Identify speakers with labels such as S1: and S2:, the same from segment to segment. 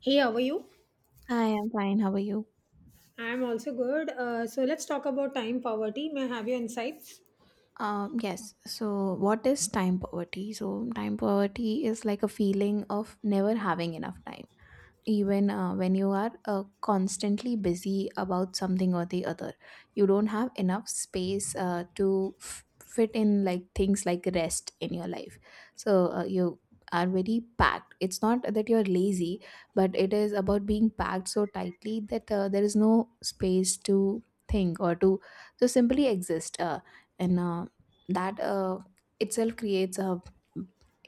S1: Hey, how are you?
S2: Hi, I'm fine. How are you?
S1: I'm also good. So let's talk about time poverty. May I have your insights?
S2: Yes. So, what is time poverty? So, time poverty is like a feeling of never having enough time. Even when you are constantly busy about something or the other, you don't have enough space to fit in like things like rest in your life. So you are very packed. It's not that you're lazy, but it is about being packed so tightly that there is no space to think or to simply exist. And That itself creates a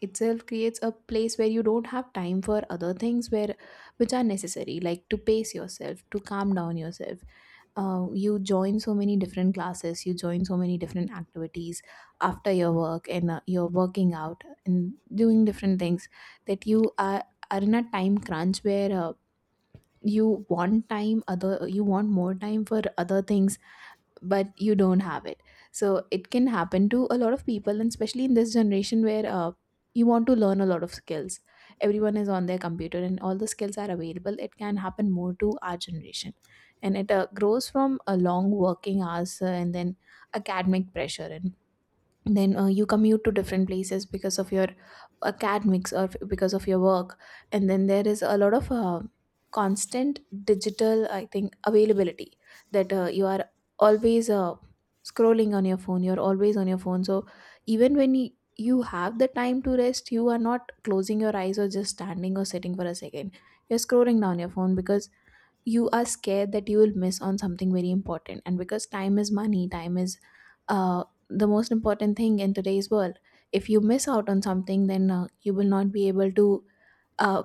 S2: itself creates a place where you don't have time for other things where which are necessary, like to pace yourself, to calm down yourself. You join so many different classes, you join so many different activities after your work, and you're working out and doing different things, that are in a time crunch where you want time other you want more time for other things, but you don't have it. So it can happen to a lot of people, and especially in this generation where you want to learn a lot of skills. Everyone is on their computer and all the skills are available, it can happen more to our generation. And it grows from a long working hours and then academic pressure, and then you commute to different places because of your academics or because of your work. And then there is a lot of constant digital, I think, availability, that you are always scrolling on your phone. You're always on your phone, so even when you have the time to rest, you are not closing your eyes or just standing or sitting for a second. You're scrolling down your phone because you are scared that you will miss on something very important. And because time is money, time is the most important thing in today's world. If you miss out on something, then you will not be able to uh,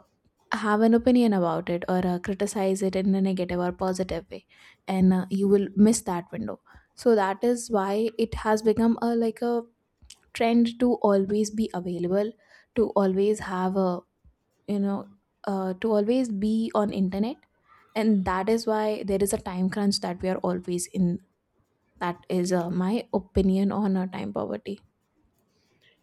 S2: have an opinion about it or criticize it in a negative or positive way. And you will miss that window. So that is why it has become a like a trend to always be available, to always have a you know to always be on internet. And that is why there is a time crunch that we are always in. That is my opinion on time poverty.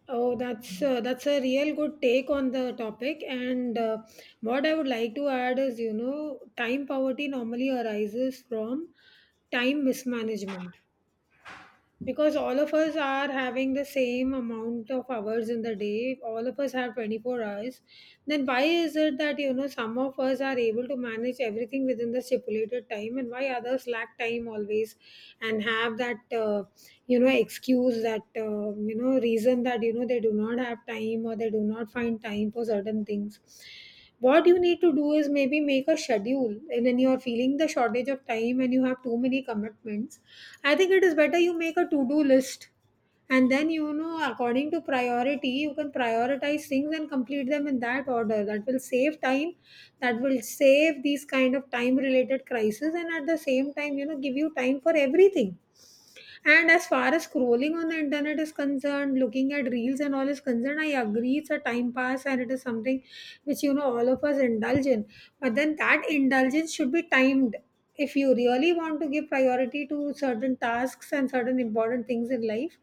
S1: Oh, that's a real good take on the topic. And What I would like to add is, you know, time poverty normally arises from time mismanagement. Because all of us are having the same amount of hours in the day, all of us have 24 hours. Then why is it that, you know, some of us are able to manage everything within the stipulated time, and why others lack time always and have that you know, excuse, that you know, reason that, you know, they do not have time or they do not find time for certain things? What you need to do is maybe make a schedule, and when you are feeling the shortage of time and you have too many commitments, I think it is better you make a to-do list, and then, you know, according to priority, you can prioritize things and complete them in that order. That will save time. That will save these kind of time related crises and at the same time, you know, give you time for everything. And as far as scrolling on the internet is concerned, looking at reels and all is concerned, I agree, it's a time pass and it is something which, you know, all of us indulge in. But then that indulgence should be timed. If you really want to give priority to certain tasks and certain important things in life,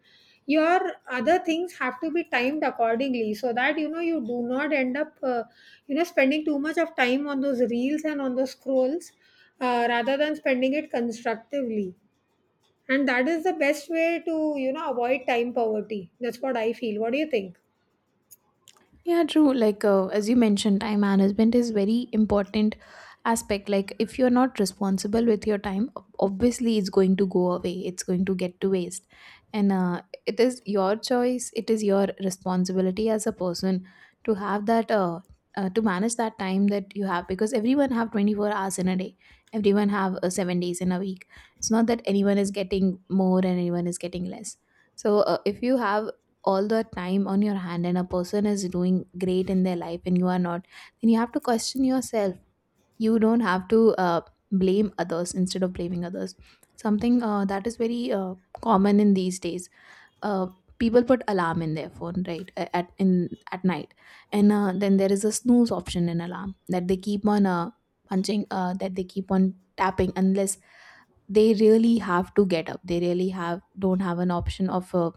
S1: your other things have to be timed accordingly so that, you know, you do not end up you know, spending too much of time on those reels and on those scrolls, rather than spending it constructively. And that is the best way to, you know, avoid time poverty. That's what I feel. What do you think?
S2: Yeah, true. Like as you mentioned, time management is very important aspect. Like if you're not responsible with your time, obviously it's going to go away. It's going to get to waste, and it is your choice. It is your responsibility as a person to have that. To manage that time that you have, because everyone have 24 hours in a day, everyone have 7 days in a week. It's not that anyone is getting more and anyone is getting less. So if you have all the time on your hand and a person is doing great in their life and you are not, then you have to question yourself. You don't have to blame others. Instead of blaming others, something that is very common in these days, uh, people put alarm in their phone, right, at in at night. And then there is a snooze option in alarm that they keep on punching, that they keep on tapping, unless they really have to get up. They really have don't have an option of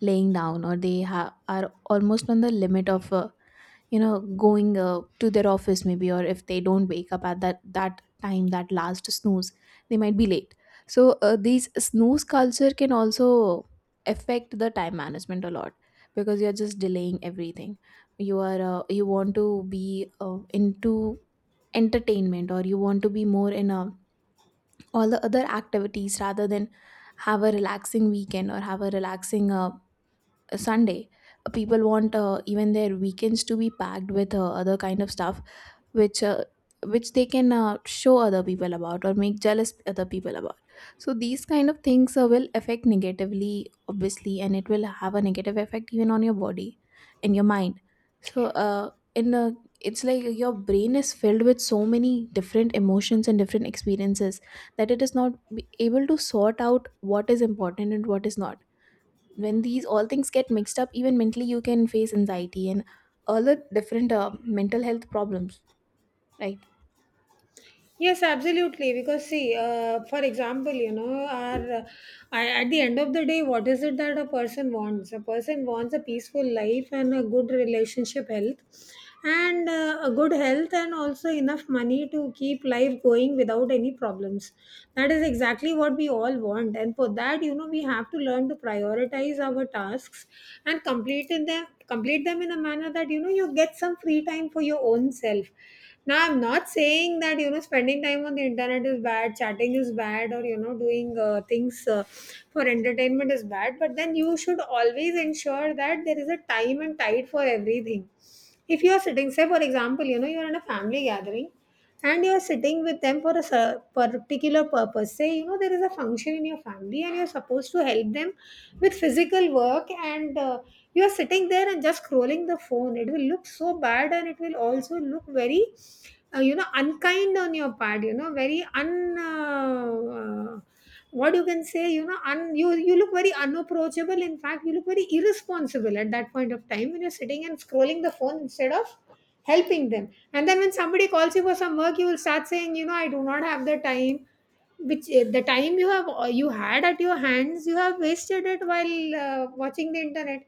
S2: laying down, or they are almost on the limit of you know going to their office maybe, or if they don't wake up at that that time, that last snooze, they might be late. So these snooze culture can also affect the time management a lot, because you're just delaying everything. You are you want to be into entertainment, or you want to be more in all the other activities rather than have a relaxing weekend or have a relaxing Sunday. People want even their weekends to be packed with other kind of stuff, which uh, which they can show other people about or make jealous other people about. So these kind of things will affect negatively, obviously, and it will have a negative effect even on your body and your mind. So in the it's like your brain is filled with so many different emotions and different experiences, that it is not be able to sort out what is important and what is not. When these all things get mixed up, even mentally you can face anxiety and all the different mental health problems, right.
S1: Yes, absolutely. Because see, for example, you know, at the end of the day, what is it that a person wants? A person wants a peaceful life and a good relationship health, and a good health, and also enough money to keep life going without any problems. That is exactly what we all want, and for that, you know, we have to learn to prioritize our tasks and complete them in a manner that, you know, you get some free time for your own self. Now, I'm not saying that, you know, spending time on the internet is bad, chatting is bad, or, you know, doing things for entertainment is bad, but then you should always ensure that there is a time and tide for everything. If you are sitting, say, for example, you know, you are in a family gathering and you're sitting with them for a particular purpose. Say, you know, there is a function in your family and you're supposed to help them with physical work, and you're sitting there and just scrolling the phone. It will look so bad and it will also look very you know, unkind on your part, you know, very un what you can say, you know, you, you look very unapproachable. In fact, you look very irresponsible at that point of time when you're sitting and scrolling the phone instead of helping them. And then when somebody calls you for some work, you will start saying, you know, I do not have the time. Which eh, the time you have, you had at your hands, you have wasted it while watching the internet.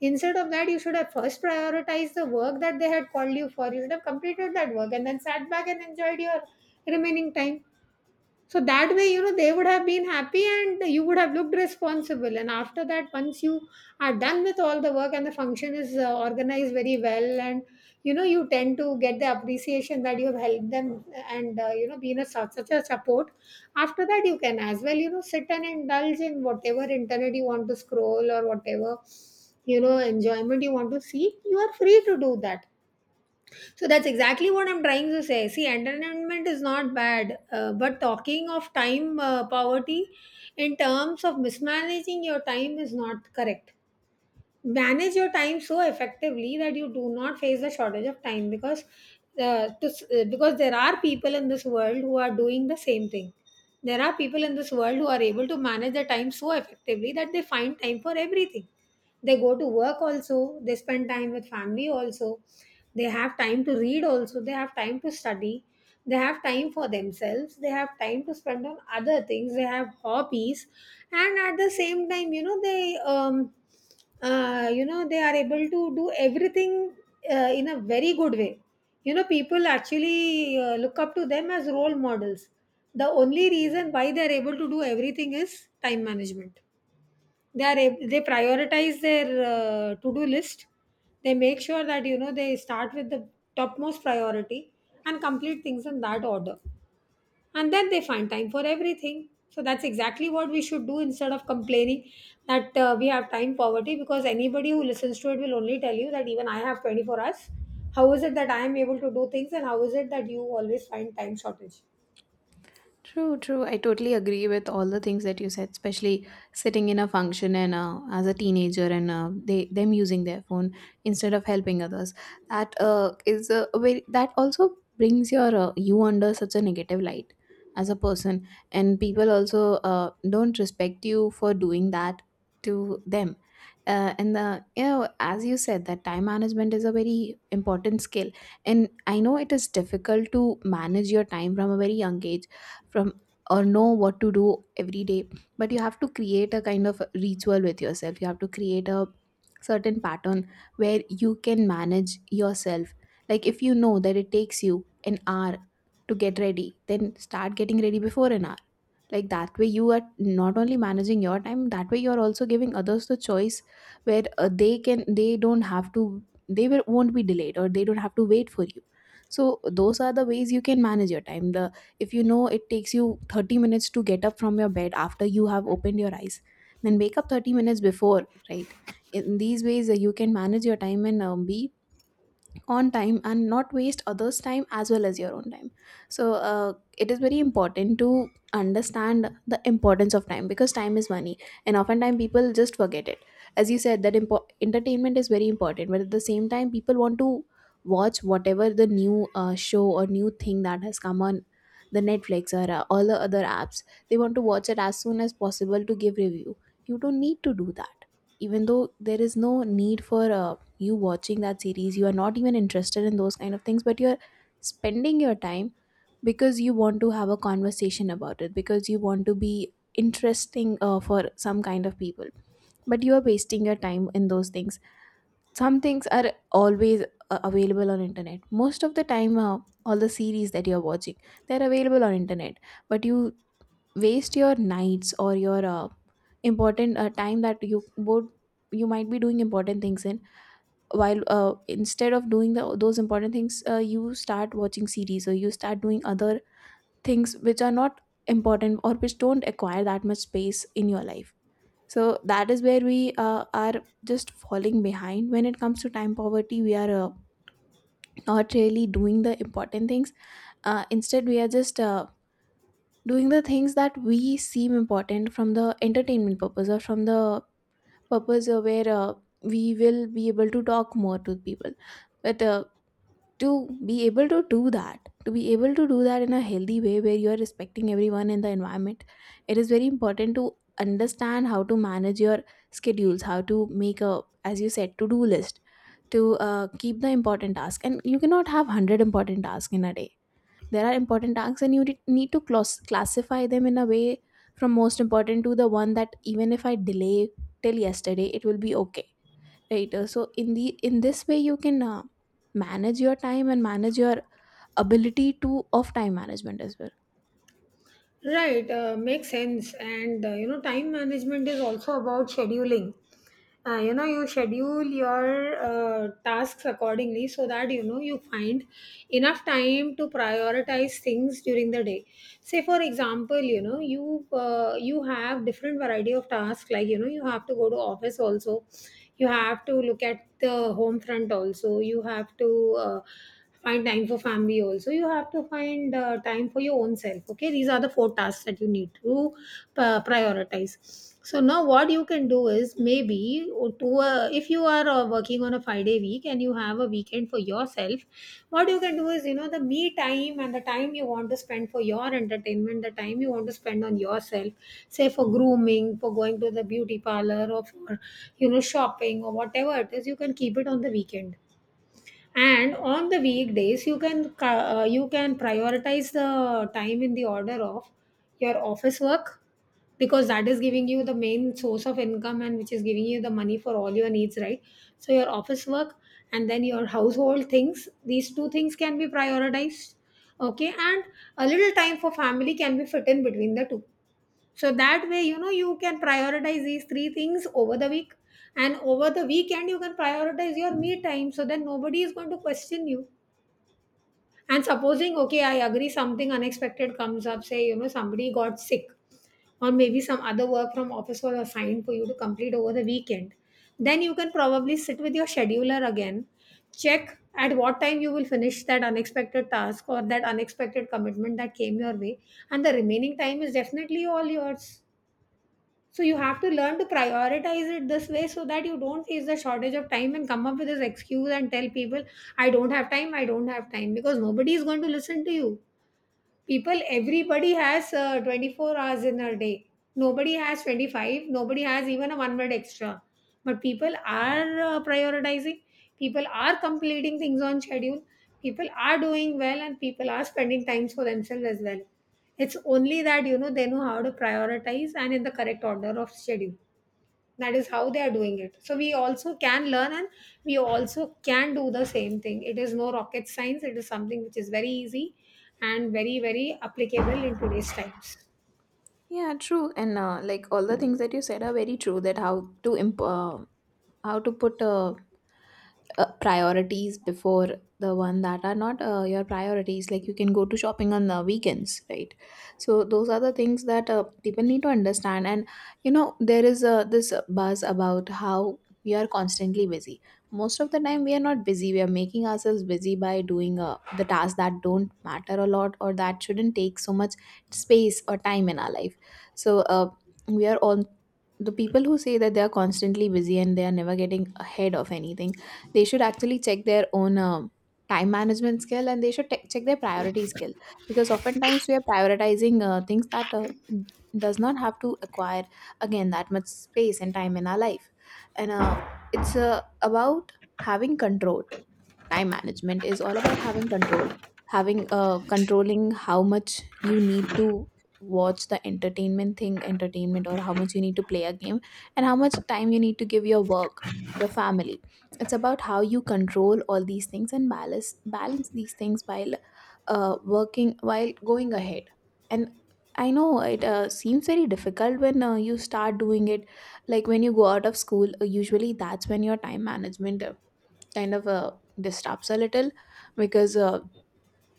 S1: Instead of that, you should have first prioritized the work that they had called you for. You should have completed that work and then sat back and enjoyed your remaining time. So that way, you know, they would have been happy and you would have looked responsible. And after that, once you are done with all the work and the function is organized very well, and you know, you tend to get the appreciation that you have helped them and, you know, been a, such a support. After that, you can as well, you know, sit and indulge in whatever internet you want to scroll or whatever, you know, enjoyment you want to seek. You are free to do that. So that's exactly what I'm trying to say. See, entertainment is not bad, but talking of time poverty in terms of mismanaging your time is not correct. Manage your time so effectively that you do not face the shortage of time. Because because there are people in this world who are doing the same thing. There are people in this world who are able to manage their time so effectively that they find time for everything. They go to work also, they spend time with family also, they have time to read also, they have time to study, they have time for themselves, they have time to spend on other things, they have hobbies, and at the same time, you know, they you know, they are able to do everything in a very good way. You know, people actually look up to them as role models. The only reason why they are able to do everything is time management. They they prioritize their to do list. They make sure that, you know, they start with the topmost priority and complete things in that order, and then they find time for everything. So that's exactly what we should do, instead of complaining that we have time poverty. Because anybody who listens to it will only tell you that even I have 24 hours. How is it that I am able to do things, and how is it that you always find time shortage?
S2: True, true. I totally agree with all the things that you said, especially sitting in a function and as a teenager, and they them using their phone instead of helping others. That is a very that also brings your you under such a negative light as a person, and people also don't respect you for doing that to them. And the you know, as you said, that time management is a very important skill, and I know it is difficult to manage your time from a very young age, from or know what to do every day. But you have to create a kind of ritual with yourself. You have to create a certain pattern where you can manage yourself. Like if you know that it takes you an hour to get ready, then start getting ready before an hour. Like that way you are not only managing your time, that way you are also giving others the choice, where they can they don't have to they will, won't be delayed, or they don't have to wait for you. So those are the ways you can manage your time. The if you know it takes you 30 minutes to get up from your bed after you have opened your eyes, then wake up 30 minutes before, right. In these ways you can manage your time and be on time and not waste others time as well as your own time. So it is very important to understand the importance of time, because time is money, and oftentimes people just forget it. As you said that entertainment is very important, but at the same time people want to watch whatever the new show or new thing that has come on the netflix or all the other apps. They want to watch it as soon as possible to give review. You don't need to do that. Even though there is no need for you watching that series, you are not even interested in those kind of things, but you're spending your time because you want to have a conversation about it, because you want to be interesting for some kind of people. But you are wasting your time in those things. Some things are always available on internet. Most of the time all the series that you're watching, they're available on internet. But you waste your nights or your important time that you would you might be doing important things in, while instead of doing the, those important things, you start watching series or you start doing other things which are not important or which don't acquire that much space in your life. So that is where we are just falling behind. When it comes to time poverty, we are not really doing the important things. Instead we are just doing the things that we seem important from the entertainment purpose or from the purpose where we will be able to talk more to people. But to be able to do that, to be able to do that in a healthy way where you are respecting everyone in the environment, it is very important to understand how to manage your schedules, how to make a as you said to do list, to keep the important task. And you cannot have 100 important tasks in a day. There are important tasks, and you need to classify them in a way from most important to the one that even if I delay till yesterday it will be okay, right. So in the in this way you can manage your time and manage your ability to of time management as well.
S1: Right, makes sense. And You know, time management is also about scheduling. You know, you schedule your tasks accordingly so that, you know, you find enough time to prioritize things during the day. Say, for example, you know, you have different variety of tasks. Like, you know, you have to go to office also. You have to look at the home front also. You have to. Find time for family also. You have to find time for your own self. Okay, these are the four tasks that you need to prioritize. So now what you can do is maybe to if you are working on a 5 day week and you have a weekend for yourself, what you can do is, you know, the me time and the time you want to spend for your entertainment, the time you want to spend on yourself, say for grooming, for going to the beauty parlor, or for, you know, shopping, or whatever it is, you can keep it on the weekend. And on the weekdays, you can you can prioritize the time in the order of your office work, because that is giving you the main source of income and which is giving you the money for all your needs, right? So your office work and then your household things, these two things can be prioritized, okay? And a little time for family can be fit in between the two. So that way, you know, you can prioritize these three things over the week. And over the weekend, you can prioritize your me time. So then nobody is going to question you. And supposing, okay, I agree, something unexpected comes up, say, you know, somebody got sick, or maybe some other work from office was assigned for you to complete over the weekend. Then you can probably sit with your scheduler again, check at what time you will finish that unexpected task or that unexpected commitment that came your way. And the remaining time is definitely all yours. So you have to learn to prioritize it this way so that you don't face the shortage of time and come up with this excuse and tell people, I don't have time, I don't have time, because nobody is going to listen to you. People, everybody has 24 hours in a day. Nobody has 25, nobody has even a 1 minute extra. But people are prioritizing, people are completing things on schedule, people are doing well, and people are spending times for themselves as well. It's only that, you know, they know how to prioritize and in the correct order of schedule. That is how they are doing it. So we also can learn and we also can do the same thing. It is no rocket science. It is something which is very easy and very very applicable in today's times.
S2: Yeah, true. And like all the things that you said are very true, that how to how to put a priorities before the one that are not your priorities, like you can go to shopping on the weekends, right? So those are the things that people need to understand. And you know there is this buzz about how we are constantly busy. Most of the time we are not busy, we are making ourselves busy by doing the tasks that don't matter a lot or that shouldn't take so much space or time in our life. So we are all the people who say that they are constantly busy and they are never getting ahead of anything. They should actually check their own time management skill, and they should check their priority skill, because oftentimes we are prioritizing things that does not have to acquire again that much space and time in our life. And it's about having control. Time management is all about having control, having controlling how much you need to watch the entertainment thing entertainment, or how much you need to play a game, and how much time you need to give your work, your family. It's about how you control all these things and balance these things while working, while going ahead. And I know it seems very difficult when you start doing it. Like when you go out of school, usually that's when your time management kind of disturbs a little, because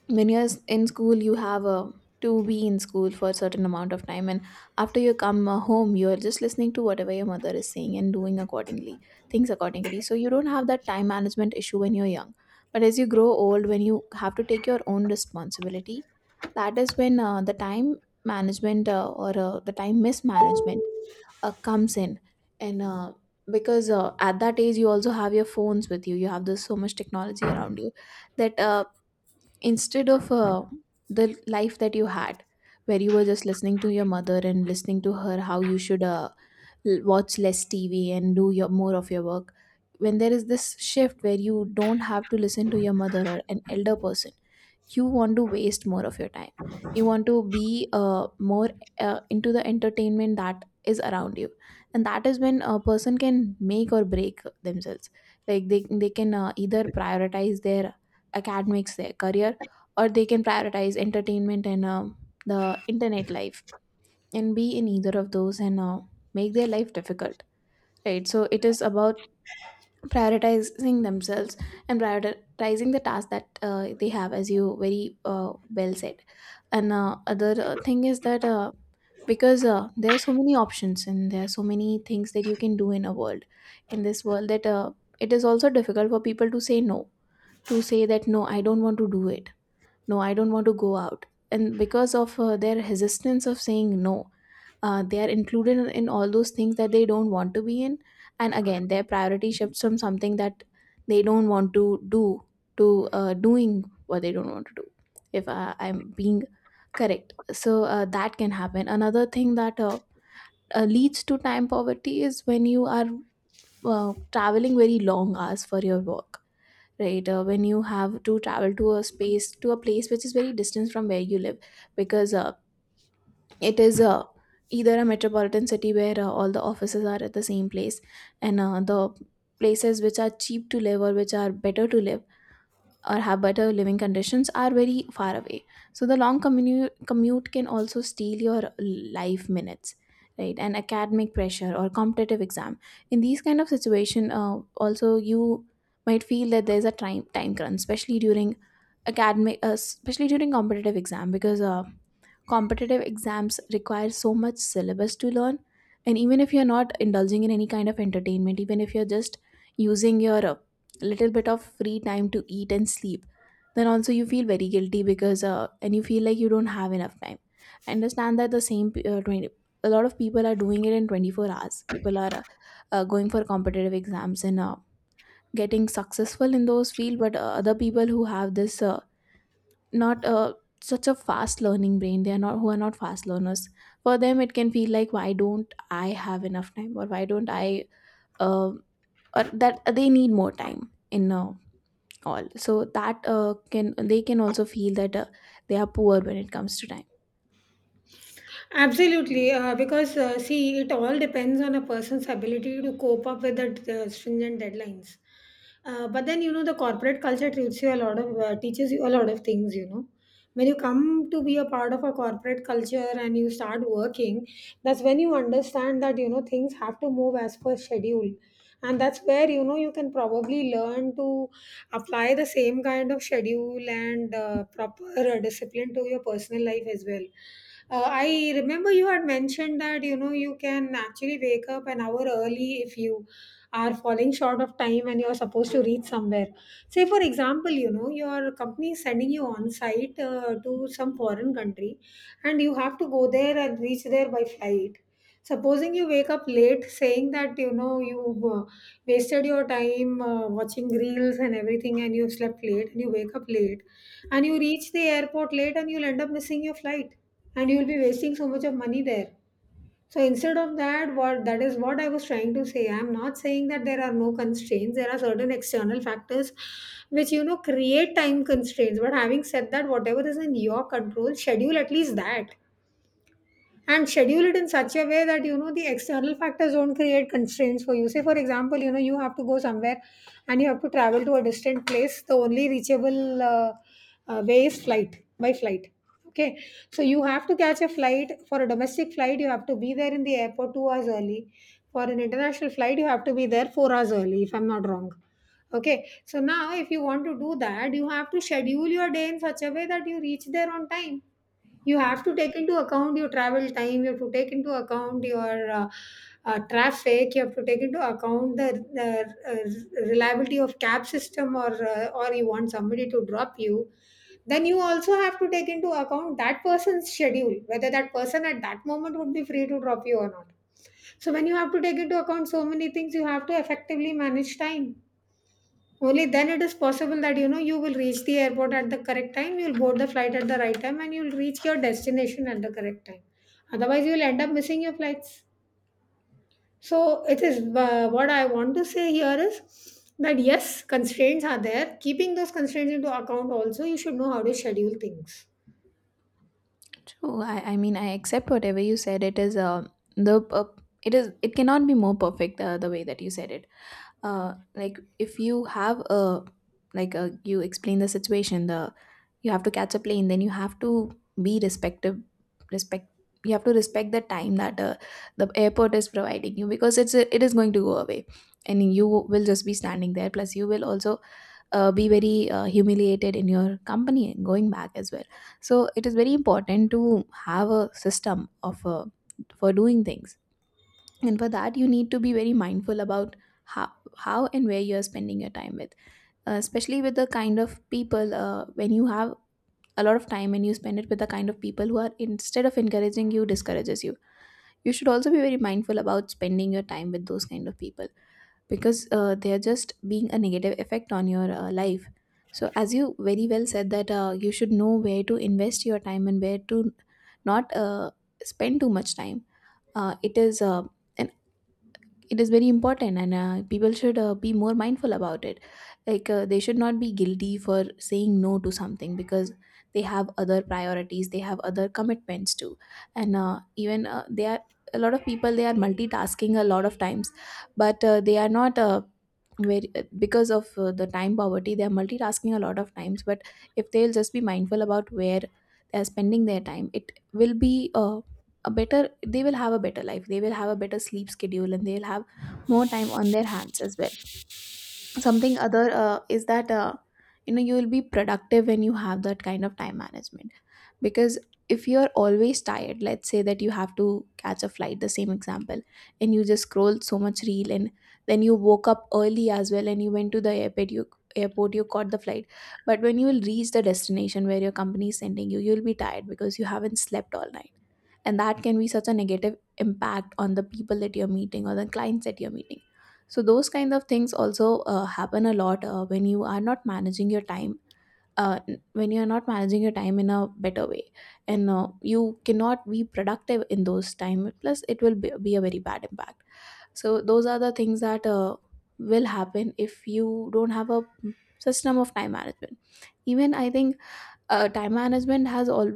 S2: when you're in school you have a to be in school for a certain amount of time, and after you come home you're just listening to whatever your mother is saying and doing accordingly, things accordingly. So you don't have that time management issue when you're young, but as you grow old, when you have to take your own responsibility, that is when the time management or the time mismanagement comes in. And because at that age you also have your phones with you, you have this so much technology around you, that instead of the life that you had, where you were just listening to your mother and listening to her how you should watch less tv and do your more of your work. When there is this shift where you don't have to listen to your mother or an elder person, you want to waste more of your time, you want to be more into the entertainment that is around you. And that is when a person can make or break themselves. Like they can either prioritize their academics, their career, or they can prioritize entertainment and the internet life, and be in either of those and make their life difficult, right? So it is about prioritizing themselves and prioritizing the task that they have, as you very well said. And other thing is that because there are so many options and there are so many things that you can do in a world, in this world, that it is also difficult for people to say no, to say that no, I don't want to do it, no, I don't want to go out. And because of their resistance of saying no, they are included in all those things that they don't want to be in. And again their priority shifts from something that they don't want to do, to doing what they don't want to do, if I'm being correct. So that can happen. Another thing that leads to time poverty is when you are uh, traveling very long hours for your work, right? When you have to travel to a space, to a place which is very distant from where you live, because it is either a metropolitan city where all the offices are at the same place, and the places which are cheap to live or which are better to live or have better living conditions are very far away. So the long commute can also steal your life minutes, right? And academic pressure or competitive exam, in these kind of situation also you might feel that there's a time crunch, especially during academic especially during competitive exam, because competitive exams require so much syllabus to learn. And even if you're not indulging in any kind of entertainment, even if you're just using your little bit of free time to eat and sleep, then also you feel very guilty, because and you feel like you don't have enough time. I understand that the same 20, a lot of people are doing it in 24 hours. People are going for competitive exams and getting successful in those field. But other people who have this not a such a fast learning brain, they are not, who are not fast learners, for them it can feel like why don't I have enough time, or why don't I uh, or that they need more time in all. So that can they can also feel that they are poor when it comes to time.
S1: Absolutely, because see, it all depends on a person's ability to cope up with the stringent deadlines. But then you know the corporate culture teaches you a lot of things. You know, when you come to be a part of a corporate culture and you start working, that's when you understand that you know things have to move as per schedule, and that's where you know you can probably learn to apply the same kind of schedule and proper discipline to your personal life as well. I remember you had mentioned that you know you can actually wake up an hour early if you are falling short of time and you're supposed to reach somewhere. Say, for example, you know your company is sending you on site to some foreign country, and you have to go there and reach there by flight. Supposing you wake up late, saying that you know you've wasted your time watching reels and everything, and you've slept late, and you wake up late, and you reach the airport late, and you'll end up missing your flight, and you will be wasting so much of money there. So instead of that, what that is what I was trying to say, I'm not saying that there are no constraints. There are certain external factors which you know create time constraints, but having said that, whatever is in your control, schedule at least that, and schedule it in such a way that you know the external factors don't create constraints for you. Say, for example, you know you have to go somewhere and you have to travel to a distant place. The only reachable way is flight, by flight. Okay, so you have to catch a flight. For a domestic flight you have to be there in the airport 2 hours early, for an international flight you have to be there 4 hours early, if I'm not wrong. Okay, so now if you want to do that, you have to schedule your day in such a way that you reach there on time. You have to take into account your travel time, you have to take into account your traffic, you have to take into account the reliability of cab system, or or you want somebody to drop you. Then you also have to take into account that person's schedule, whether that person at that moment would be free to drop you or not. So when you have to take into account so many things, you have to effectively manage time. Only then it is possible that you know you will reach the airport at the correct time, you'll board the flight at the right time, and you'll reach your destination at the correct time. Otherwise, you'll end up missing your flights. So, it is what I want to say here is that yes, constraints are there. Keeping those constraints into account, also, you should know how to schedule things.
S2: True. I mean, I accept whatever you said. It is the it is, it cannot be more perfect the way that you said it. Like if you have a, like a, you explain the situation, the you have to catch a plane, then you have to be respect, you have to respect the time that the airport is providing you, because it is going to go away and you will just be standing there. Plus you will also be very humiliated in your company and going back as well. So it is very important to have a system of for doing things. And for that you need to be very mindful about how how and where you're spending your time with especially with the kind of people. When you have a lot of time and you spend it with the kind of people who are, instead of encouraging you, discourages you, you should also be very mindful about spending your time with those kind of people, because they're just being a negative effect on your life. So as you very well said, that you should know where to invest your time and where to not spend too much time. It is it is very important, and people should be more mindful about it. Like they should not be guilty for saying no to something, because they have other priorities, they have other commitments too. And even they are, a lot of people, they are multitasking a lot of times, but they are not very because of the time poverty, they are multitasking a lot of times. But if they'll just be mindful about where they are spending their time, it will be a better, they will have a better life, they will have a better sleep schedule, and they'll have more time on their hands as well. Something other is that you know you will be productive when you have that kind of time management. Because if you're always tired, let's say that you have to catch a flight, the same example, and you just scrolled so much reel, and then you woke up early as well and you went to the airport, you airport, you caught the flight. But when you will reach the destination where your company is sending you, you'll be tired because you haven't slept all night. And that can be such a negative impact on the people that you're meeting or the clients that you're meeting. So those kind of things also happen a lot when you are not managing your time, uh, when you are not managing your time in a better way. And you cannot be productive in those time, plus it will be a very bad impact. So those are the things that will happen if you don't have a system of time management. Even I think time management has all,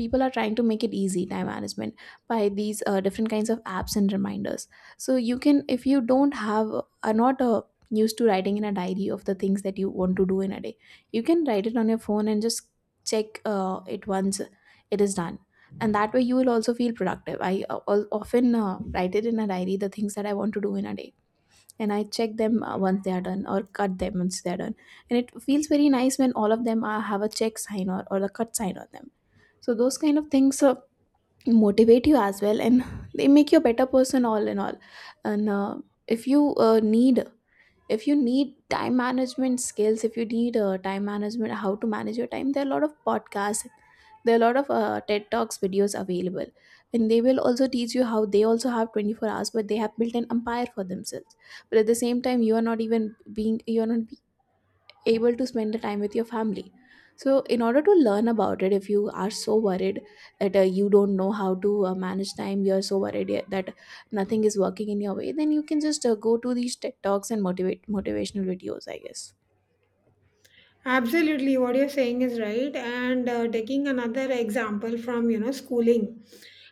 S2: people are trying to make it easy, time management, by these different kinds of apps and reminders. So you can, if you don't have, are not used to writing in a diary of the things that you want to do in a day, you can write it on your phone and just check it once it is done. And that way you will also feel productive. I often write it in a diary the things that I want to do in a day, and I check them once they are done, or cut them once they are done. And it feels very nice when all of them are, have a check sign or the cut sign on them. So those kind of things motivate you as well, and they make you a better person all in all. And if you need, if you need time management skills, if you need time management, how to manage your time, there are a lot of podcasts, there are a lot of ted talks videos available. And they will also teach you how they also have 24 hours, but they have built an empire for themselves. But at the same time you are not even being, you are not able to spend the time with your family. So in order to learn about it, if you are so worried that you don't know how to manage time, you're so worried that nothing is working in your way, then you can just go to these TED Talks and motivate motivational videos, I guess.
S1: Absolutely, what you're saying is right. And taking another example from you know schooling,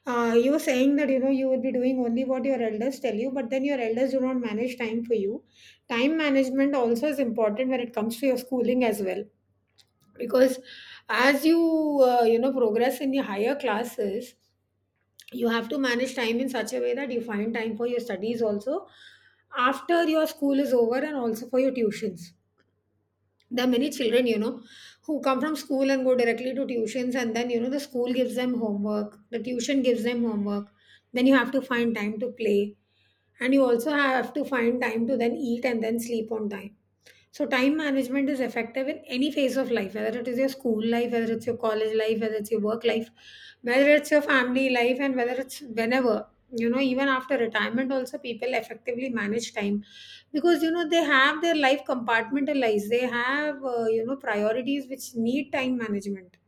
S1: you were saying that you know you would be doing only what your elders tell you, but then your elders do not manage time for you. Time management also is important when it comes to your schooling as well, because as you you know progress in your higher classes, you have to manage time in such a way that you find time for your studies also after your school is over, and also for your tuitions. There are many children, you know, who come from school and go directly to tuitions, and then, you know, the school gives them homework, the tuition gives them homework. Then you have to find time to play, and you also have to find time to then eat and then sleep on time. So, time management is effective in any phase of life, whether it is your school life, whether it's your college life, whether it's your work life, whether it's your family life, and whether it's whenever. You know, even after retirement, also people effectively manage time, because you know they have their life compartmentalized, they have you know priorities which need time management.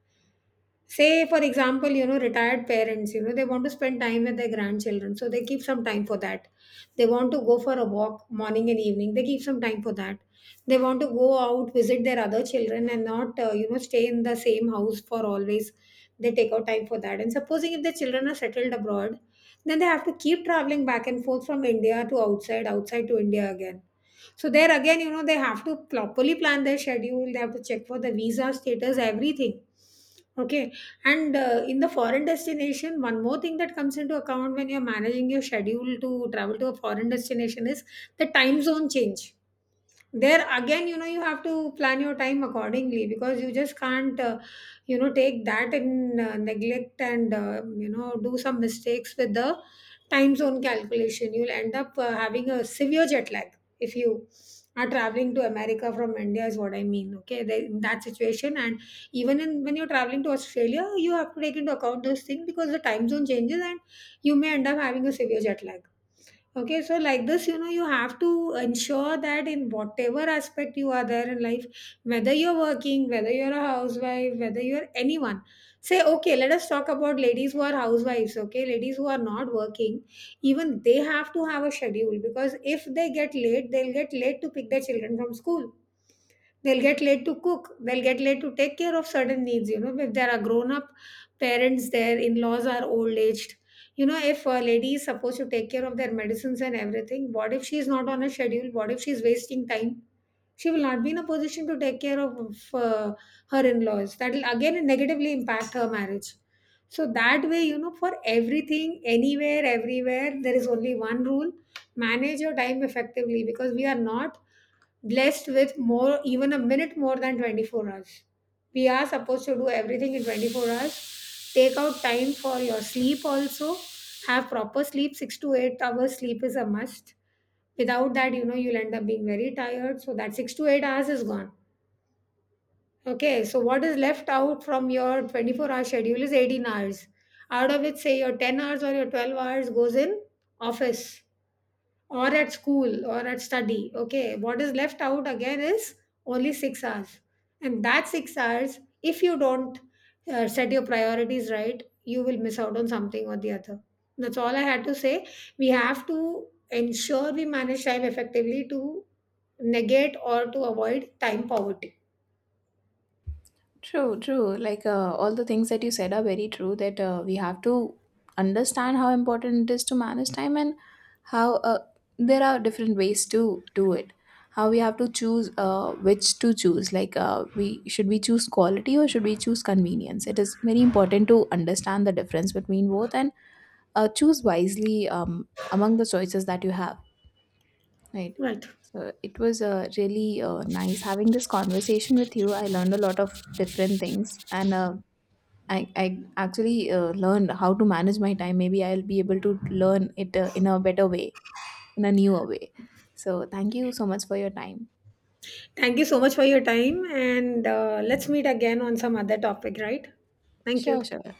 S1: Say, for example, you know retired parents, you know they want to spend time with their grandchildren, so they keep some time for that. They want to go for a walk morning and evening, they keep some time for that. They want to go out, visit their other children and not you know stay in the same house for always. They take out time for that. And supposing if the children are settled abroad, then they have to keep traveling back and forth from India to outside, outside to India again. So there again, you know, they have to properly plan their schedule. They have to check for the visa status, everything. Okay, and in the foreign destination, one more thing that comes into account when you're managing your schedule to travel to a foreign destination is the time zone change. There again, you know, you have to plan your time accordingly, because you just can't you know take that in neglect, and you know do some mistakes with the time zone calculation, you'll end up having a severe jet lag if you are traveling to America from India, is what I mean. Okay, in that situation, and even when you're traveling to Australia, you have to take into account those things because the time zone changes, and you may end up having a severe jet lag. Okay, so like this, you know, you have to ensure that in whatever aspect you are there in life, whether you're working, whether you're a housewife, whether you're anyone. Say, okay, let us talk about ladies who are housewives, okay, ladies who are not working. Even they have to have a schedule, because if they get late, they'll get late to pick their children from school. They'll get late to cook. They'll get late to take care of certain needs. You know, if there are grown up parents, their in laws are old aged. You know, if a lady is supposed to take care of their medicines and everything, what if she's not on a schedule? What if she's wasting time? She will not be in a position to take care of her in laws. That will again negatively impact her marriage. So that way, you know, for everything, anywhere, everywhere, there is only one rule: manage your time effectively, because we are not blessed with more, even a minute more than 24 hours. We are supposed to do everything in 24 hours. Take out time for your sleep also. Have proper sleep, 6 to 8 hours sleep is a must. Without that, you know, you'll end up being very tired. So that 6 to 8 hours is gone. Okay, so what is left out from your 24-hour schedule is 18 hours, out of which say your 10 hours or your 12 hours goes in office, or at school, or at study. Okay, what is left out again is only 6 hours, and that 6 hours, if you don't set your priorities right, you will miss out on something or the other. That's all I had to say. We have to ensure we manage time effectively to negate or to avoid time poverty.
S2: True, true. Like all the things that you said are very true, that we have to understand how important it is to manage time, and how there are different ways to do it. How we have to choose which to choose. Like we should, we choose quality, or should we choose convenience? It is very important to understand the difference between both, and choose wisely among the choices that you have. Right.
S1: Right.
S2: So it was really nice having this conversation with you. I learned a lot of different things, and I actually learned how to manage my time. Maybe I'll be able to learn it in a better way, in a newer way. So, thank you so much for your time.
S1: Thank you so much for your time, and let's meet again on some other topic. Right. Thank you.
S2: Sure, sure.